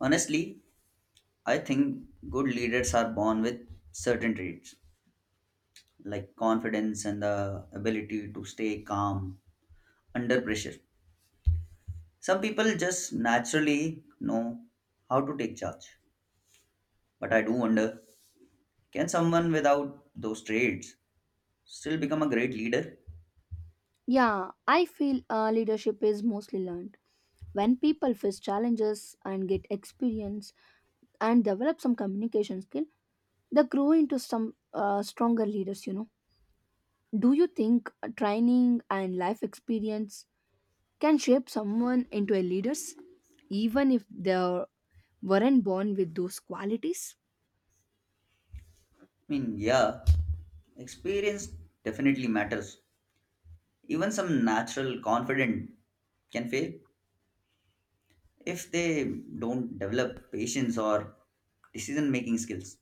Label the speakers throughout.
Speaker 1: Honestly, I think good leaders are born with certain traits like confidence and the ability to stay calm under pressure. Some people just naturally know how to take charge. But I do wonder, can someone without those traits still become a great leader?
Speaker 2: Yeah, I feel leadership is mostly learned. When people face challenges and get experience and develop some communication skill, they grow into some stronger leaders. Do you think training and life experience can shape someone into a leaders even if they weren't born with those qualities?
Speaker 1: I mean, yeah, experience definitely matters. Even some natural confident can fail if they don't develop patience or decision making skills.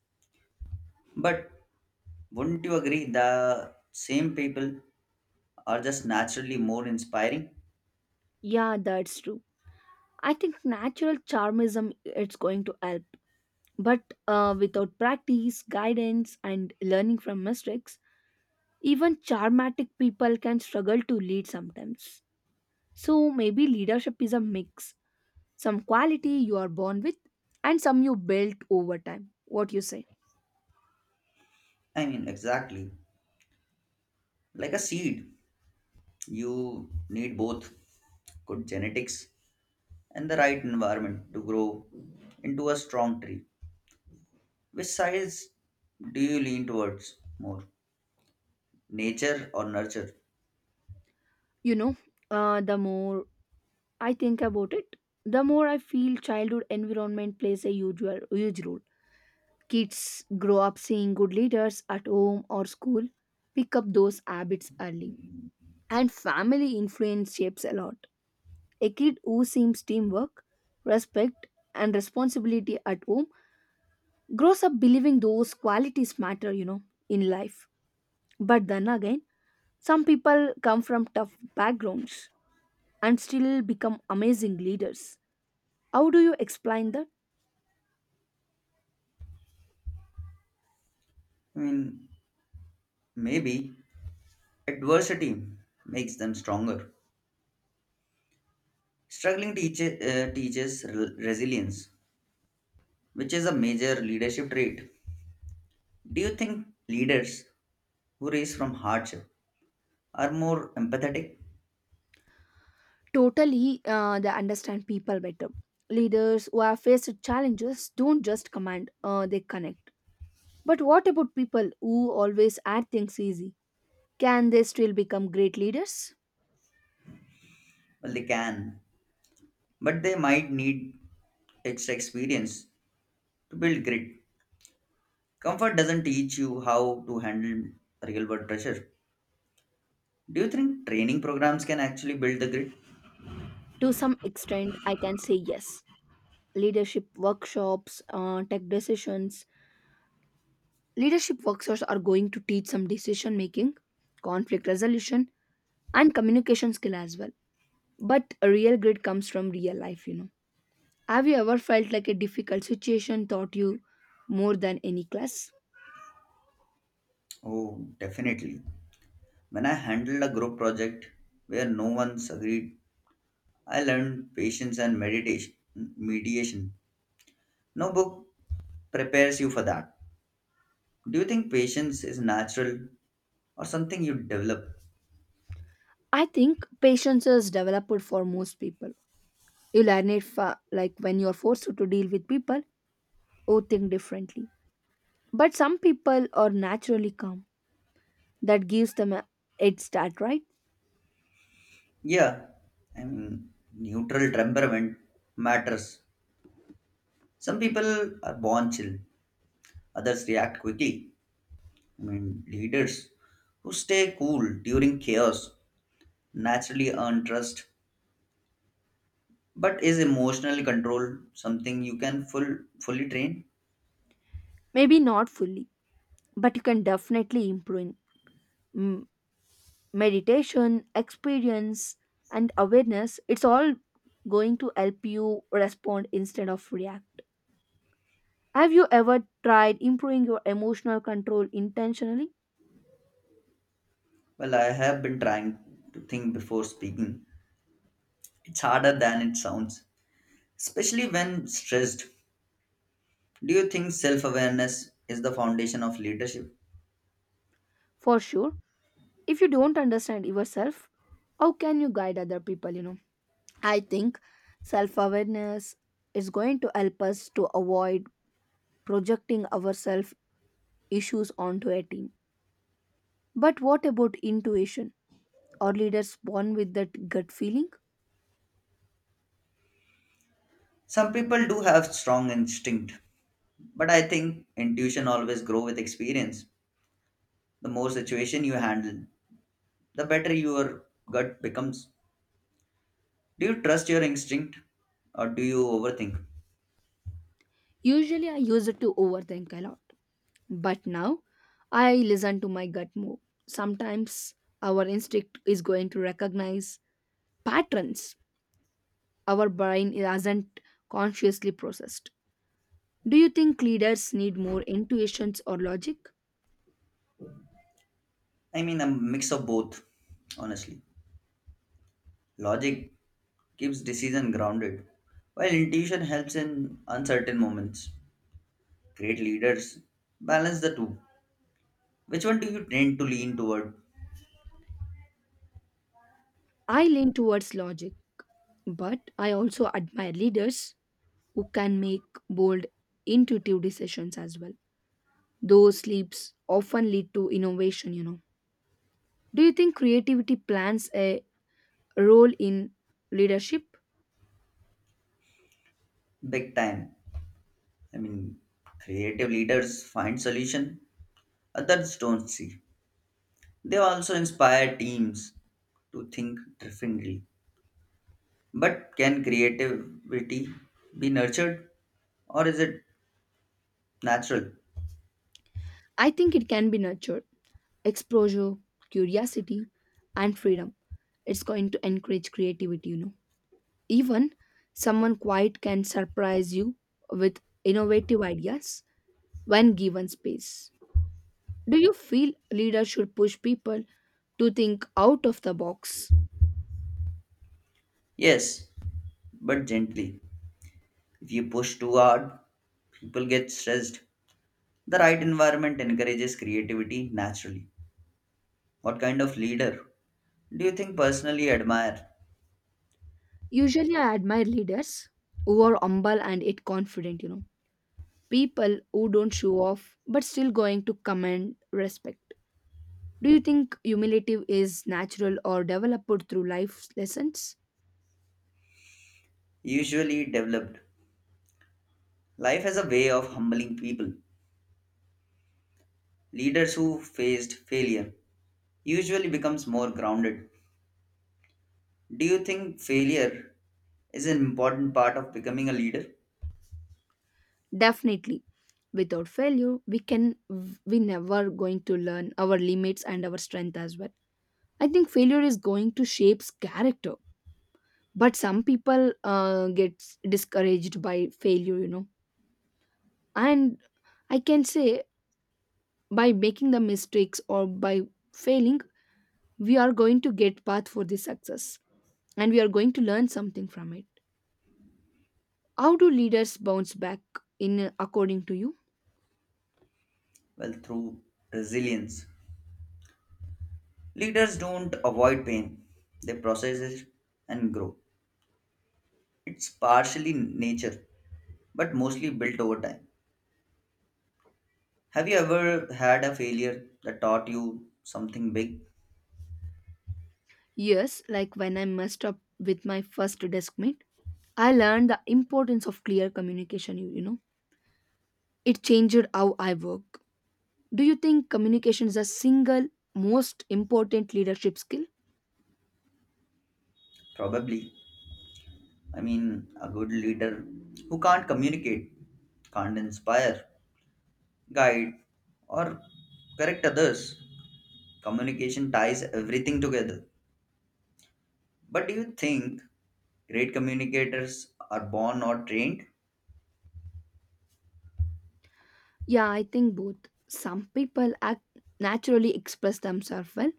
Speaker 1: But wouldn't you agree the same people are just naturally more inspiring?
Speaker 2: Yeah, that's true. I think natural charmism it's going to help, but without practice, guidance and learning from mistakes. Even charmatic people can struggle to lead sometimes. So maybe leadership is a mix. Some quality you are born with and some you built over time. What you say?
Speaker 1: I mean, exactly. Like a seed, you need both good genetics and the right environment to grow into a strong tree. Which size do you lean towards more, nature or nurture?
Speaker 2: You know, the more I think about it, the more I feel childhood environment plays a usual huge role. Kids grow up seeing good leaders at home or school, pick up those habits early. And family influence shapes a lot. A kid who sees teamwork, respect, and responsibility at home grows up believing those qualities matter, in life. But then again, some people come from tough backgrounds and still become amazing leaders. How do you explain that?
Speaker 1: I mean, maybe adversity makes them stronger. Struggling teaches resilience, which is a major leadership trait. Do you think leaders who rise from hardship are more empathetic?
Speaker 2: Totally, they understand people better. Leaders who have faced challenges don't just command, they connect. But what about people who always add things easy? Can they still become great leaders?
Speaker 1: Well, they can, but they might need extra experience to build grit. Comfort doesn't teach you how to handle real world pressure. Do you think training programs can actually build the grit?
Speaker 2: To some extent I can say yes. Leadership workshops tech decisions leadership workshops are going to teach some decision making, conflict resolution and communication skill as well. But a real grit comes from real life. Have you ever felt like a difficult situation taught you more than any class?
Speaker 1: Oh, definitely. When I handled a group project where no one's agreed, I learned patience and mediation. No book prepares you for that. Do you think patience is natural or something you develop?
Speaker 2: I think patience is developed for most people. You learn it like when you are forced to deal with people who think differently. But some people are naturally calm. That gives them a head start, right?
Speaker 1: Yeah, I mean, neutral temperament matters. Some people are born chill, others react quickly. I mean, leaders who stay cool during chaos naturally earn trust. But is emotional control something you can fully train?
Speaker 2: Maybe not fully, but you can definitely improve. Mm, meditation experience and awareness it's all going to help you respond instead of react. Have you ever tried improving your emotional control intentionally?
Speaker 1: Well, I have been trying to think before speaking. It's harder than it sounds, especially when stressed. Do you think self awareness is the foundation of leadership?
Speaker 2: For sure. If you don't understand yourself, how can you guide other people? I think self awareness is going to help us to avoid projecting ourselves issues onto a team. But what about intuition? Are leaders born with that gut feeling?
Speaker 1: Some people do have strong instinct, but I think intuition always grows with experience. The more situation you handle, the better your gut becomes. Do you trust your instinct or do you overthink?
Speaker 2: Usually I use it to overthink a lot. But now I listen to my gut more. Sometimes our instinct is going to recognize patterns our brain hasn't consciously processed. Do you think leaders need more intuitions or logic?
Speaker 1: I mean, a mix of both, honestly. Logic keeps decision grounded, while intuition helps in uncertain moments. Great leaders balance the two. Which one do you tend to lean toward?
Speaker 2: I lean towards logic, but I also admire leaders who can make bold, intuitive decisions as well. Those leaps often lead to innovation. Do you think creativity plans a role in leadership?
Speaker 1: Big time. I mean, creative leaders find solution others don't see. They also inspire teams to think differently. But can creativity be nurtured or is it natural?
Speaker 2: I think it can be nurtured. Exposure, curiosity, and freedom. It's going to encourage creativity. Even someone quiet can surprise you with innovative ideas when given space. Do you feel leaders should push people to think out of the box?
Speaker 1: Yes, but gently. If you push too hard, people get stressed. The right environment encourages creativity naturally. What kind of leader do you think personally admire?
Speaker 2: Usually, I admire leaders who are humble and yet confident, people who don't show off but still going to command respect. Do you think humility is natural or developed through life lessons?
Speaker 1: Usually developed. Life has a way of humbling people. Leaders who faced failure usually becomes more grounded. Do you think failure is an important part of becoming a leader?
Speaker 2: Definitely. Without failure, we never going to learn our limits and our strength as well. I think failure is going to shapes character, but some people get discouraged by failure. And I can say by making the mistakes or by failing we are going to get path for this success and we are going to learn something from it. How do leaders bounce back in, according to you?
Speaker 1: Well, through resilience, leaders don't avoid pain, they process it and grow. It's partially nature, but mostly built over time. Have you ever had a failure that taught you something big?
Speaker 2: Yes, like when I messed up with my first desk mate, I learned the importance of clear communication you know. It changed how I work. Do you think communication is a single most important leadership skill?
Speaker 1: Probably. I mean, a good leader who can't communicate can't inspire, guide, or correct others. Communication ties everything together. But do you think great communicators are born or trained?
Speaker 2: Yeah, I think both. Some people act naturally, express themselves well,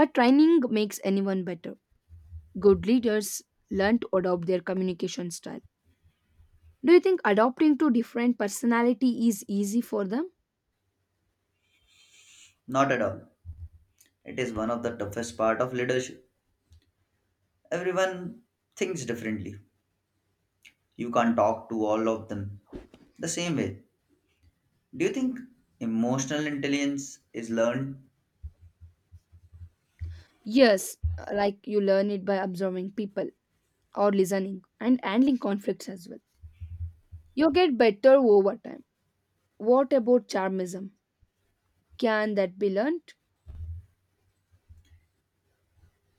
Speaker 2: but training makes anyone better. Good leaders learn to adopt their communication style. Do you think adopting to different personality is easy for them?
Speaker 1: Not at all. It is one of the toughest part of leadership. Everyone thinks differently. You can't talk to all of them the same way. Do you think emotional intelligence is learned?
Speaker 2: Yes, like you learn it by observing people or listening and handling conflicts as well. You get better over time. What about charmism? Can that be learned?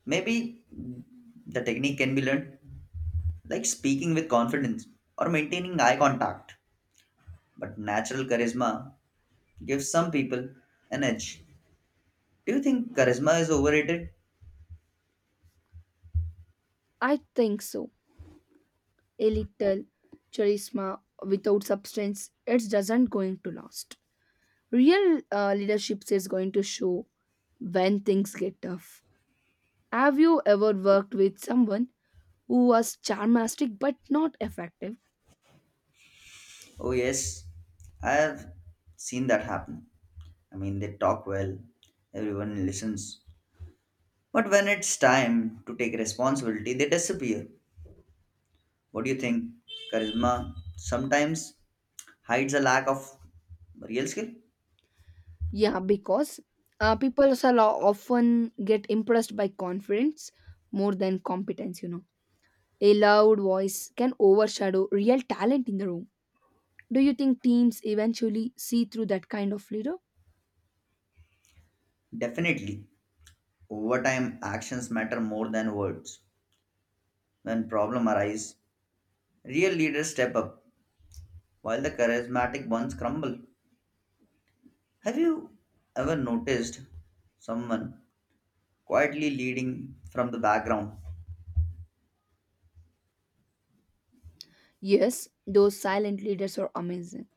Speaker 1: Maybe the technique can be learned, like speaking with confidence or maintaining eye contact. But natural charisma gives some people an edge. Do you think charisma is overrated?
Speaker 2: I think so. A little charisma without substance, it doesn't going to last. Real leadership is going to show when things get tough. Have you ever worked with someone who was charmastic but not effective?
Speaker 1: Oh, yes, I have seen that happen. I mean, they talk well, everyone listens. But when it's time to take responsibility, they disappear. What do you think? Charisma sometimes hides a lack of real skill?
Speaker 2: Yeah, because people are often get impressed by confidence more than competence. A loud voice can overshadow real talent in the room. Do you think teams eventually see through that kind of leader?
Speaker 1: Definitely. Over time, actions matter more than words. When problems arise, real leaders step up, while the charismatic ones crumble. Have you ever noticed someone quietly leading from the background?
Speaker 2: Yes, those silent leaders are amazing.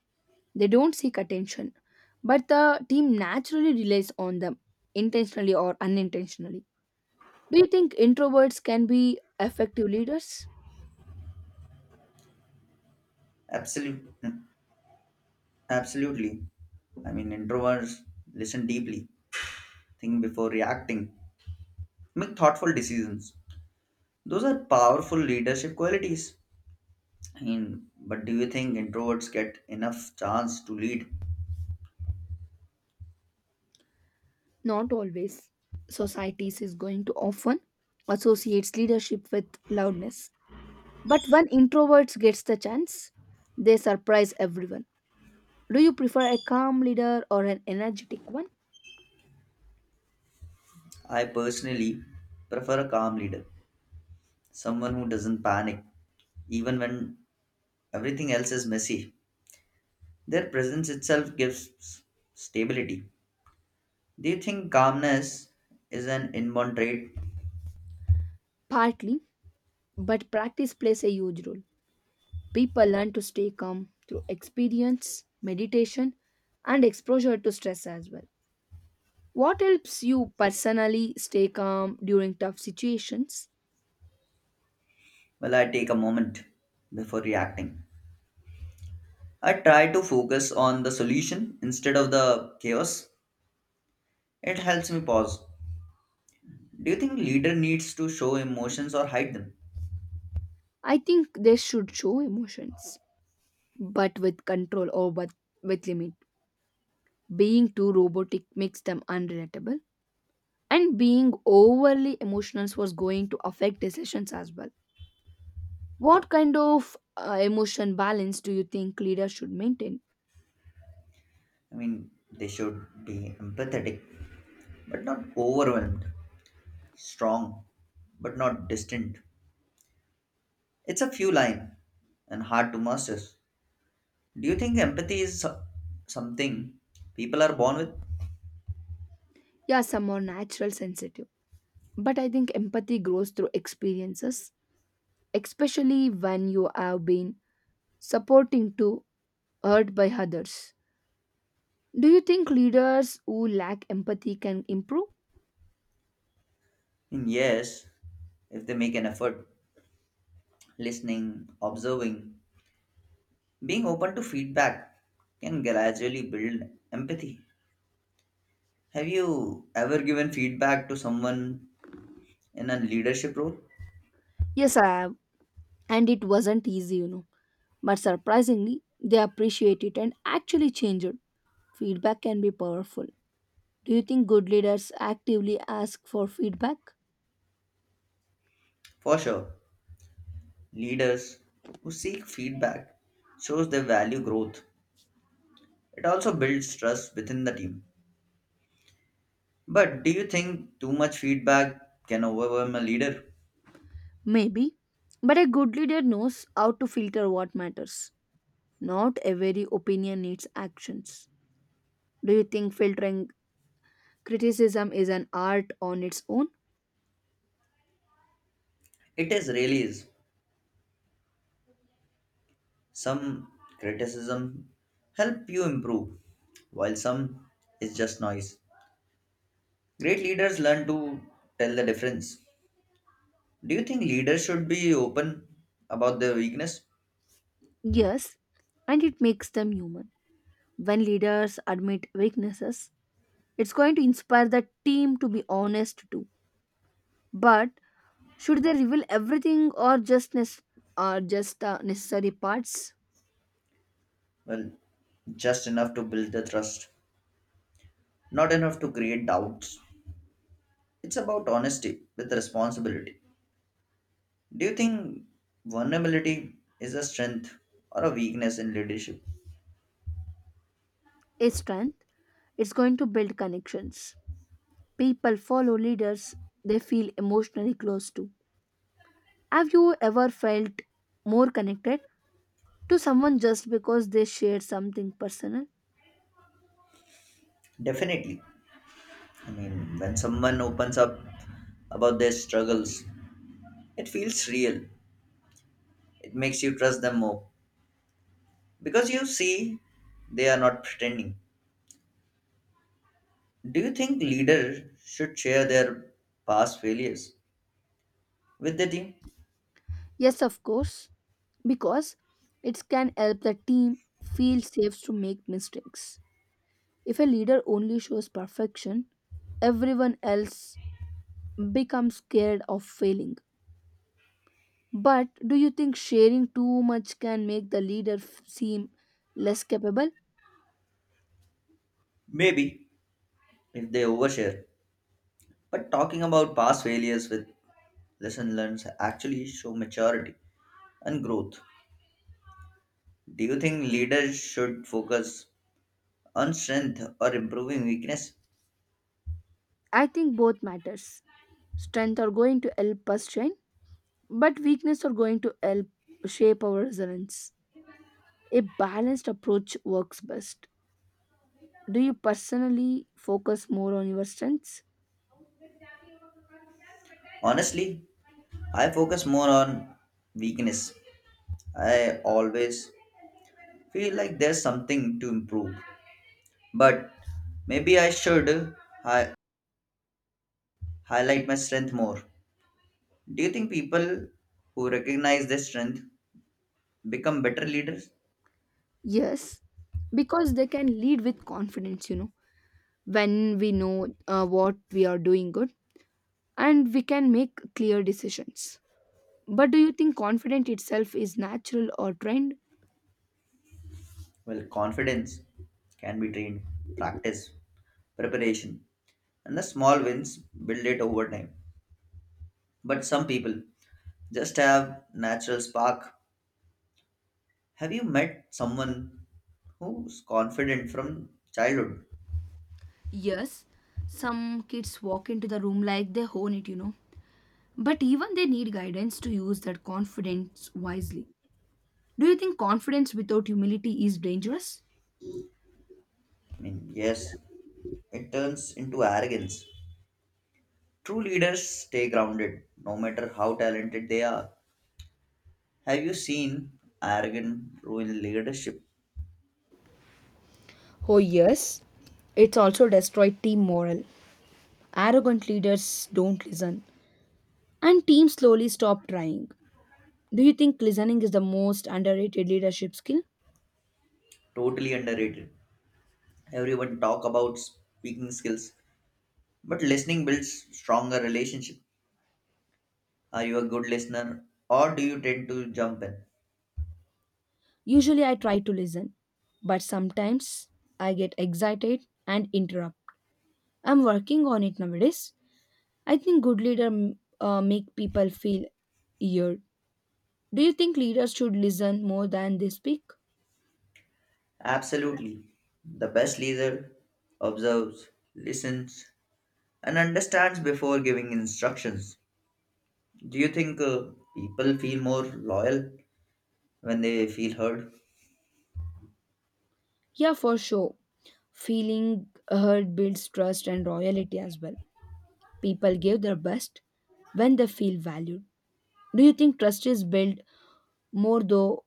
Speaker 2: They don't seek attention, but the team naturally relies on them intentionally or unintentionally. Do you think introverts can be effective leaders?
Speaker 1: Absolute, Absolutely. I mean, introverts listen deeply, think before reacting, make thoughtful decisions. Those are powerful leadership qualities. I mean, but do you think introverts get enough chance to lead?
Speaker 2: Not always. Societies is going to often associates leadership with loudness. But when introverts gets the chance, they surprise everyone. Do you prefer a calm leader or an energetic one?
Speaker 1: I personally prefer a calm leader, someone who doesn't panic even when everything else is messy. Their presence itself gives stability. Do you think calmness is an inborn trait?
Speaker 2: Partly, but practice plays a huge role. People learn to stay calm through experience, meditation, and exposure to stress as well. What helps you personally stay calm during tough situations?
Speaker 1: Well, I take a moment before reacting. I try to focus on the solution instead of the chaos. It helps me pause. Do you think leader needs to show emotions or hide them?
Speaker 2: I think they should show emotions, but with control or but with limit. Being too robotic makes them unrelatable, and being overly emotional was going to affect decisions as well. What kind of emotion balance do you think leaders should maintain?
Speaker 1: I mean, they should be empathetic, but not overwhelmed. Strong, but not distant. It's a few line and hard to master. Do you think empathy is something people are born with?
Speaker 2: Yeah, some are natural sensitive, but I think empathy grows through experiences, especially when you have been supporting to hurt by others. Do you think leaders who lack empathy can improve?
Speaker 1: Mm, yes, if they make an effort. Listening, observing, being open to feedback can gradually build empathy. Have you ever given feedback to someone in a leadership role?
Speaker 2: Yes, I have, and it wasn't easy. But surprisingly, they appreciate it and actually change it. Feedback can be powerful. Do you think good leaders actively ask for feedback?
Speaker 1: For sure, leaders who seek feedback shows they value growth. It also builds trust within the team. But do you think too much feedback can overwhelm a leader?
Speaker 2: Maybe. But a good leader knows how to filter what matters. Not every opinion needs actions. Do you think filtering criticism is an art on its own?
Speaker 1: It is really is. Some criticism help you improve, while some is just noise. Great leaders learn to tell the difference. Do you think leaders should be open about their weakness?
Speaker 2: Yes, and it makes them human. When leaders admit weaknesses, it's going to inspire the team to be honest too. But should they reveal everything or just or just necessary parts?
Speaker 1: Well, just enough to build the trust, not enough to create doubts. It's about honesty with responsibility. Do you think vulnerability is a strength or a weakness in leadership?
Speaker 2: A strength. It's going to build connections. People follow leaders they feel emotionally close to. Have you ever felt more connected to someone just because they shared something personal?
Speaker 1: Definitely. I mean, when someone opens up about their struggles, it feels real. It makes you trust them more because you see they are not pretending. Do you think leaders should share their past failures with their team?
Speaker 2: Yes, of course, because it can help the team feel safe to make mistakes. If a leader only shows perfection, everyone else becomes scared of failing. But do you think sharing too much can make the leader seem less capable?
Speaker 1: Maybe if they overshare. But talking about past failures with lesson learned actually show maturity and growth. Do you think leaders should focus on strength or improving weakness?
Speaker 2: I think both matters. Strength are going to help us shine, but weakness are going to help shape our resilience. A balanced approach works best. Do you personally focus more on your strengths?
Speaker 1: Honestly, I focus more on weakness. I always feel like there's something to improve, but maybe I should hi- highlight my strength more. Do you think people who recognize their strength become better leaders?
Speaker 2: Yes, because they can lead with confidence, when we know what we are doing good and we can make clear decisions. But do you think confidence itself is natural or trained?
Speaker 1: Well, confidence can be trained, practice, preparation, and the small wins build it over time. But some people just have natural spark. Have you met someone who's confident from childhood?
Speaker 2: Yes, some kids walk into the room like they own it. But even they need guidance to use that confidence wisely. Do you think confidence without humility is dangerous?
Speaker 1: I mean, yes, it turns into arrogance. True leaders stay grounded no matter how talented they are. Have you seen arrogant ruin leadership?
Speaker 2: Oh, yes. It's also destroyed team morale. Arrogant leaders don't listen, and teams slowly stop trying. Do you think listening is the most underrated leadership skill?
Speaker 1: Totally underrated. Everyone talk about speaking skills, but listening builds stronger relationship. Are you a good listener or do you tend to jump in?
Speaker 2: Usually, I try to listen, but sometimes I get excited and interrupt. I'm working on it nowadays. I think good leader make people feel heard. Do you think leaders should listen more than they speak?
Speaker 1: Absolutely. The best leader observes, listens, and understands before giving instructions. Do you think people feel more loyal when they feel heard?
Speaker 2: Yeah, for sure. Feeling heard builds trust and loyalty as well. People give their best when they feel valued. Do you think trust is built more though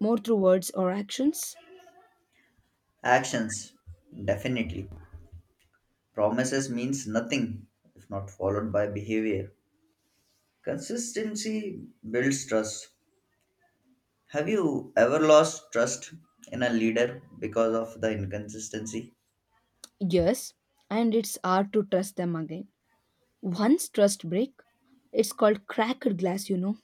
Speaker 2: more through words or actions?
Speaker 1: Actions, definitely. Promises means nothing if not followed by behavior. Consistency builds trust. Have you ever lost trust in a leader because of the inconsistency?
Speaker 2: Yes, and it's hard to trust them again. Once trust break, it's called cracked glass.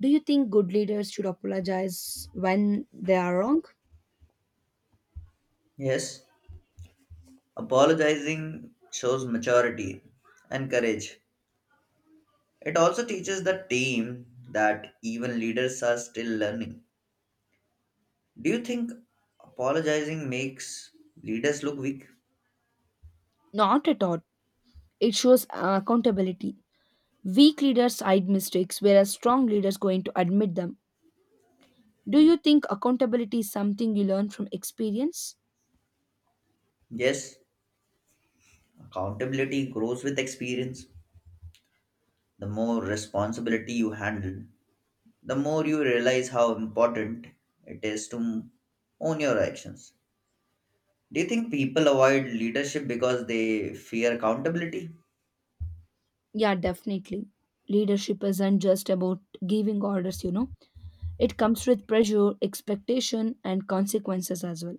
Speaker 2: Do you think good leaders should apologize when they are wrong?
Speaker 1: Yes. Apologizing shows maturity and courage. It also teaches the team that even leaders are still learning. Do you think apologizing makes leaders look weak?
Speaker 2: Not at all. It shows accountability. Weak leaders hide mistakes, whereas strong leaders going to admit them. Do you think accountability is something you learn from experience?
Speaker 1: Yes. Accountability grows with experience. The more responsibility you handle, the more you realize how important it is to own your actions. Do you think people avoid leadership because they fear accountability?
Speaker 2: Yeah, definitely. Leadership isn't just about giving orders. It comes with pressure, expectation, and consequences as well.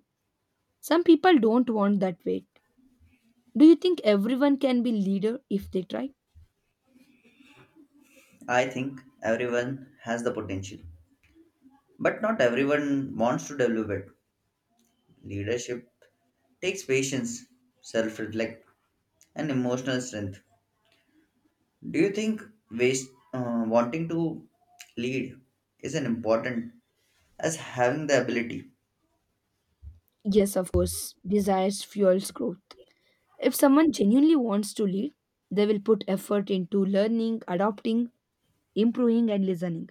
Speaker 2: Some people don't want that weight. Do you think everyone can be leader if they try?
Speaker 1: I think everyone has the potential, but not everyone wants to develop it. Leadership takes patience, self reflect, and emotional strength. Do you think wanting to lead is as important as having the ability?
Speaker 2: Yes, of course. Desires fuels growth. If someone genuinely wants to lead, they will put effort into learning, adopting, improving and listening.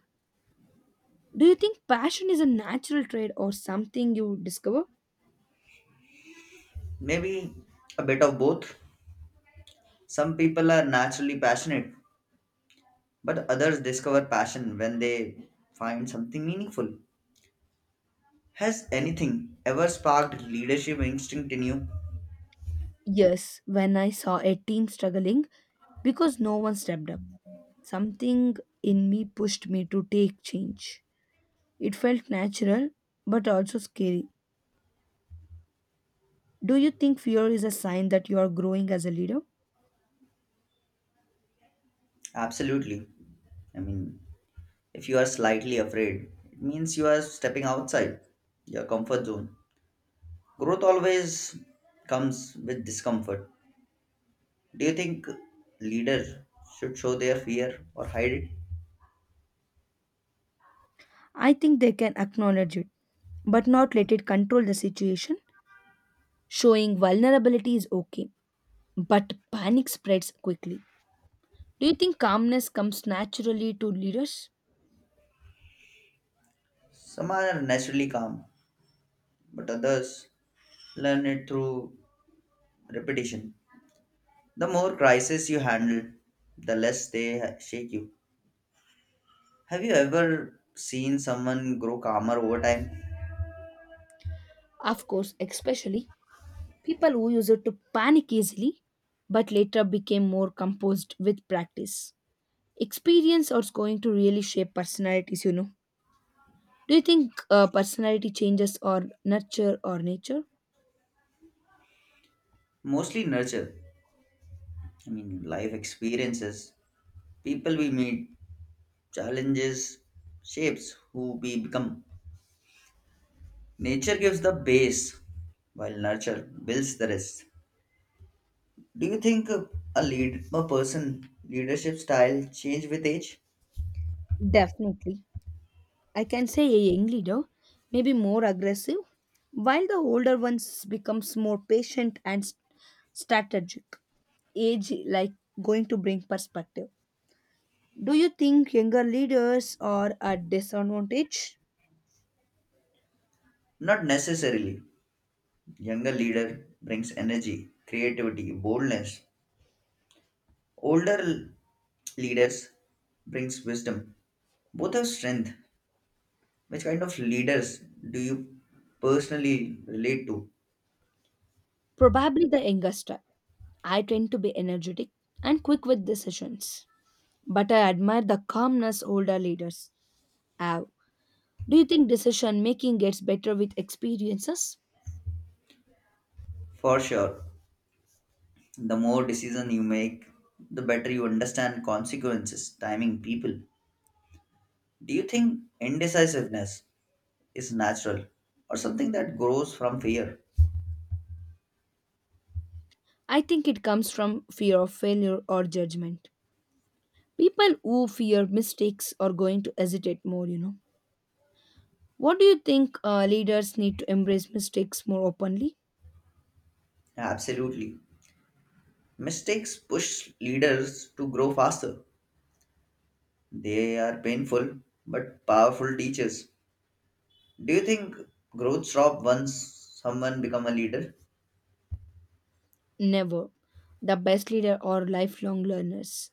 Speaker 2: Do you think passion is a natural trait or something you discover?
Speaker 1: Maybe a bit of both. Some people are naturally passionate, but others discover passion when they find something meaningful. Has anything ever sparked leadership instinct in you?
Speaker 2: Yes, when I saw a team struggling because no one stepped up, something in me pushed me to take change. It felt natural but also scary. Do you think fear is a sign that you are growing as a leader?
Speaker 1: Absolutely. I mean, if you are slightly afraid, it means you are stepping outside your comfort zone. Growth always comes with discomfort. Do you think leaders should show their fear or hide it?
Speaker 2: I think they can acknowledge it, but not let it control the situation. Showing vulnerability is okay, but panic spreads quickly. Do you think calmness comes naturally to leaders?
Speaker 1: Some are naturally calm, but others learn it through repetition. The more crises you handle, the less they shake you. Have you ever seen someone grow calmer over time?
Speaker 2: Of course, especially people who used to panic easily but later became more composed with practice. Experience is going to really shape personalities. Do you think personality changes or nurture or nature?
Speaker 1: Mostly nurture. I mean, life experiences, people we meet, challenges, shapes who we become. Nature gives the base, while nurture builds the rest. Do you think a lead a person leadership style change with age?
Speaker 2: Definitely. I can say a young leader may be more aggressive, while the older ones becomes more patient and strategic. Age like going to bring perspective. Do you think younger leaders are a disadvantage?
Speaker 1: Not necessarily. Younger leader brings energy, creativity, boldness. Older leaders brings wisdom. Both have strength. Which kind of leaders do you personally relate to?
Speaker 2: Probably the youngest type. I tend to be energetic and quick with decisions. But I admire the calmness older leaders have. Do you think decision making gets better with experiences?
Speaker 1: For sure, the more decision you make, the better you understand consequences, timing, people. Do you think indecisiveness is natural or something that grows from fear?
Speaker 2: I think it comes from fear of failure or judgment. People who fear mistakes are going to hesitate more. What do you think, leaders need to embrace mistakes more openly?
Speaker 1: Absolutely. Mistakes push leaders to grow faster. They are painful but powerful teachers. Do you think growth stops once someone become a leader?
Speaker 2: Never. The best leader are lifelong learners.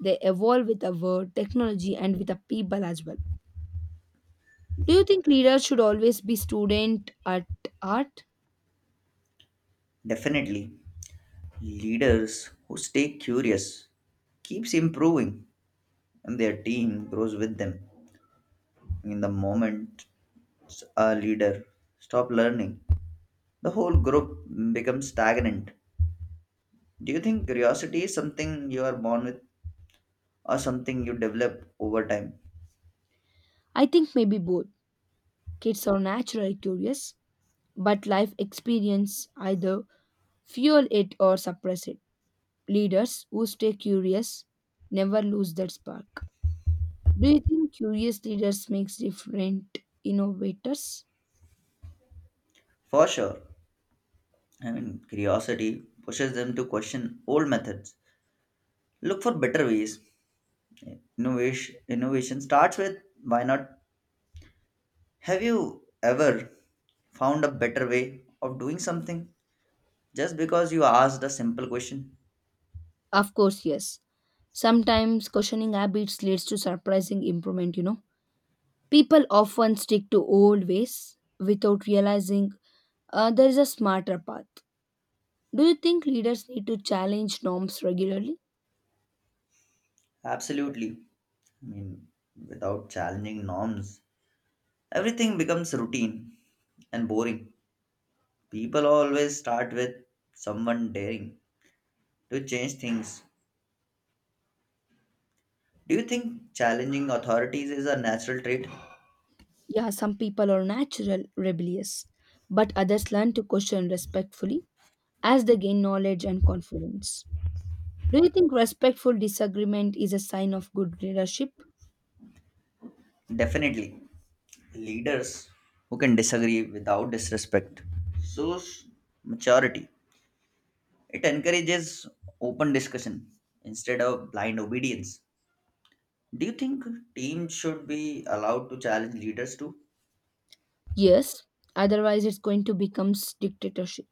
Speaker 2: They evolve with the world, technology, and with the people as well. Do you think leaders should always be student at art?
Speaker 1: Definitely. Leaders who stay curious keeps improving and their team grows with them. In the moment a leader stop learning, the whole group becomes stagnant. Do you think curiosity is something you are born with or something you develop over time?
Speaker 2: I think maybe both. Kids are naturally curious, but life experience either fuel it or suppress it. Leaders who stay curious never lose that spark. Do you think curious leaders makes different innovators?
Speaker 1: For sure. I mean, curiosity pushes them to question old methods, look for better ways. Innovation starts with why not? Have you ever found a better way of doing something just because you asked a simple question?
Speaker 2: Of course, yes. Sometimes questioning habits leads to surprising improvement. People often stick to old ways without realizing there is a smarter path. Do you think leaders need to challenge norms regularly?
Speaker 1: Absolutely. I mean, without challenging norms, everything becomes routine and boring. People always start with someone daring to change things. Do you think challenging authorities is a natural trait?
Speaker 2: Yeah, some people are natural rebellious, but others learn to question respectfully as they gain knowledge and confidence. Do you think respectful disagreement is a sign of good leadership?
Speaker 1: Definitely, leaders who can disagree without disrespect shows maturity. It encourages open discussion instead of blind obedience. Do you think teams should be allowed to challenge leaders too?
Speaker 2: Yes, otherwise it's going to become dictatorship.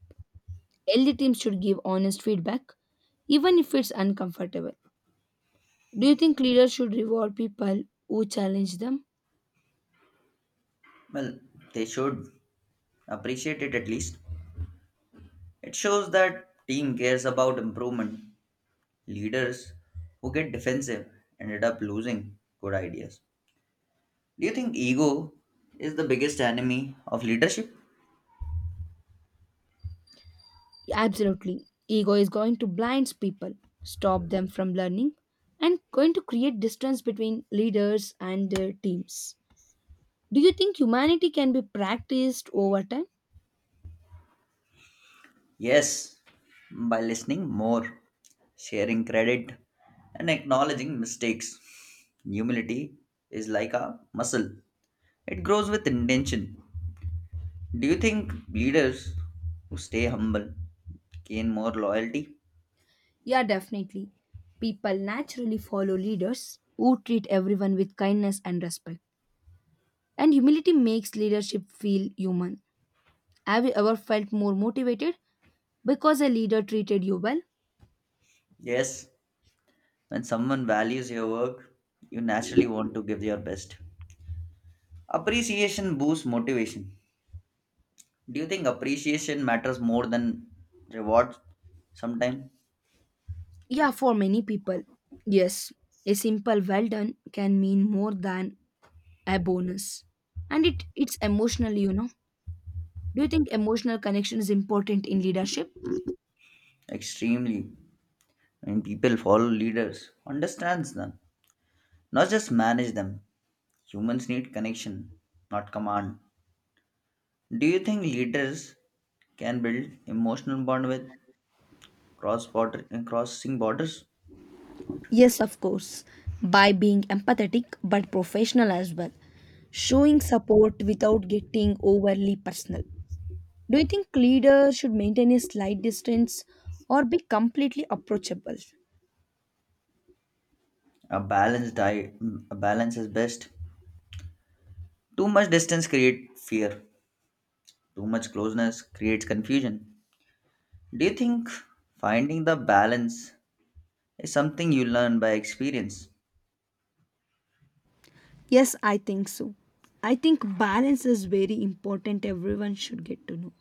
Speaker 2: Healthy teams should give honest feedback, even if it's uncomfortable. Do you think leaders should reward people who challenge them?
Speaker 1: Well, they should appreciate it at least. It shows that team cares about improvement. Leaders who get defensive ended up losing good ideas. Do you think ego is the biggest enemy of leadership?
Speaker 2: Absolutely. Ego is going to blind people, stop them from learning, and going to create distance between leaders and their teams. Do you think humanity can be practiced over time?
Speaker 1: Yes, by listening more, sharing credit, and acknowledging mistakes. Humility is like a muscle, it grows with intention. Do you think leaders who stay humble gain more loyalty?
Speaker 2: Yeah, definitely. People naturally follow leaders who treat everyone with kindness and respect. And humility makes leadership feel human. Have you ever felt more motivated because a leader treated you well?
Speaker 1: Yes, when someone values your work, you naturally want to give your best. Appreciation boosts motivation. Do you think appreciation matters more than reward sometimes?
Speaker 2: Yeah, for many people. Yes, a simple well done can mean more than a bonus, and it's emotionally do you think emotional connection is important in leadership?
Speaker 1: Extremely. And people follow leaders understands them, not just manage them. Humans need connection, not command. Do you think leaders can build emotional bond with cross border crossing borders?
Speaker 2: Yes, of course, by being empathetic but professional as well, showing support without getting overly personal. Do you think leaders should maintain a slight distance or be completely approachable?
Speaker 1: A balanced diet a balance is best. Too much distance creates fear, too much closeness creates confusion. Do you think finding the balance is something you learn by experience?
Speaker 2: Yes, I think so. I think balance is very important everyone should get to know.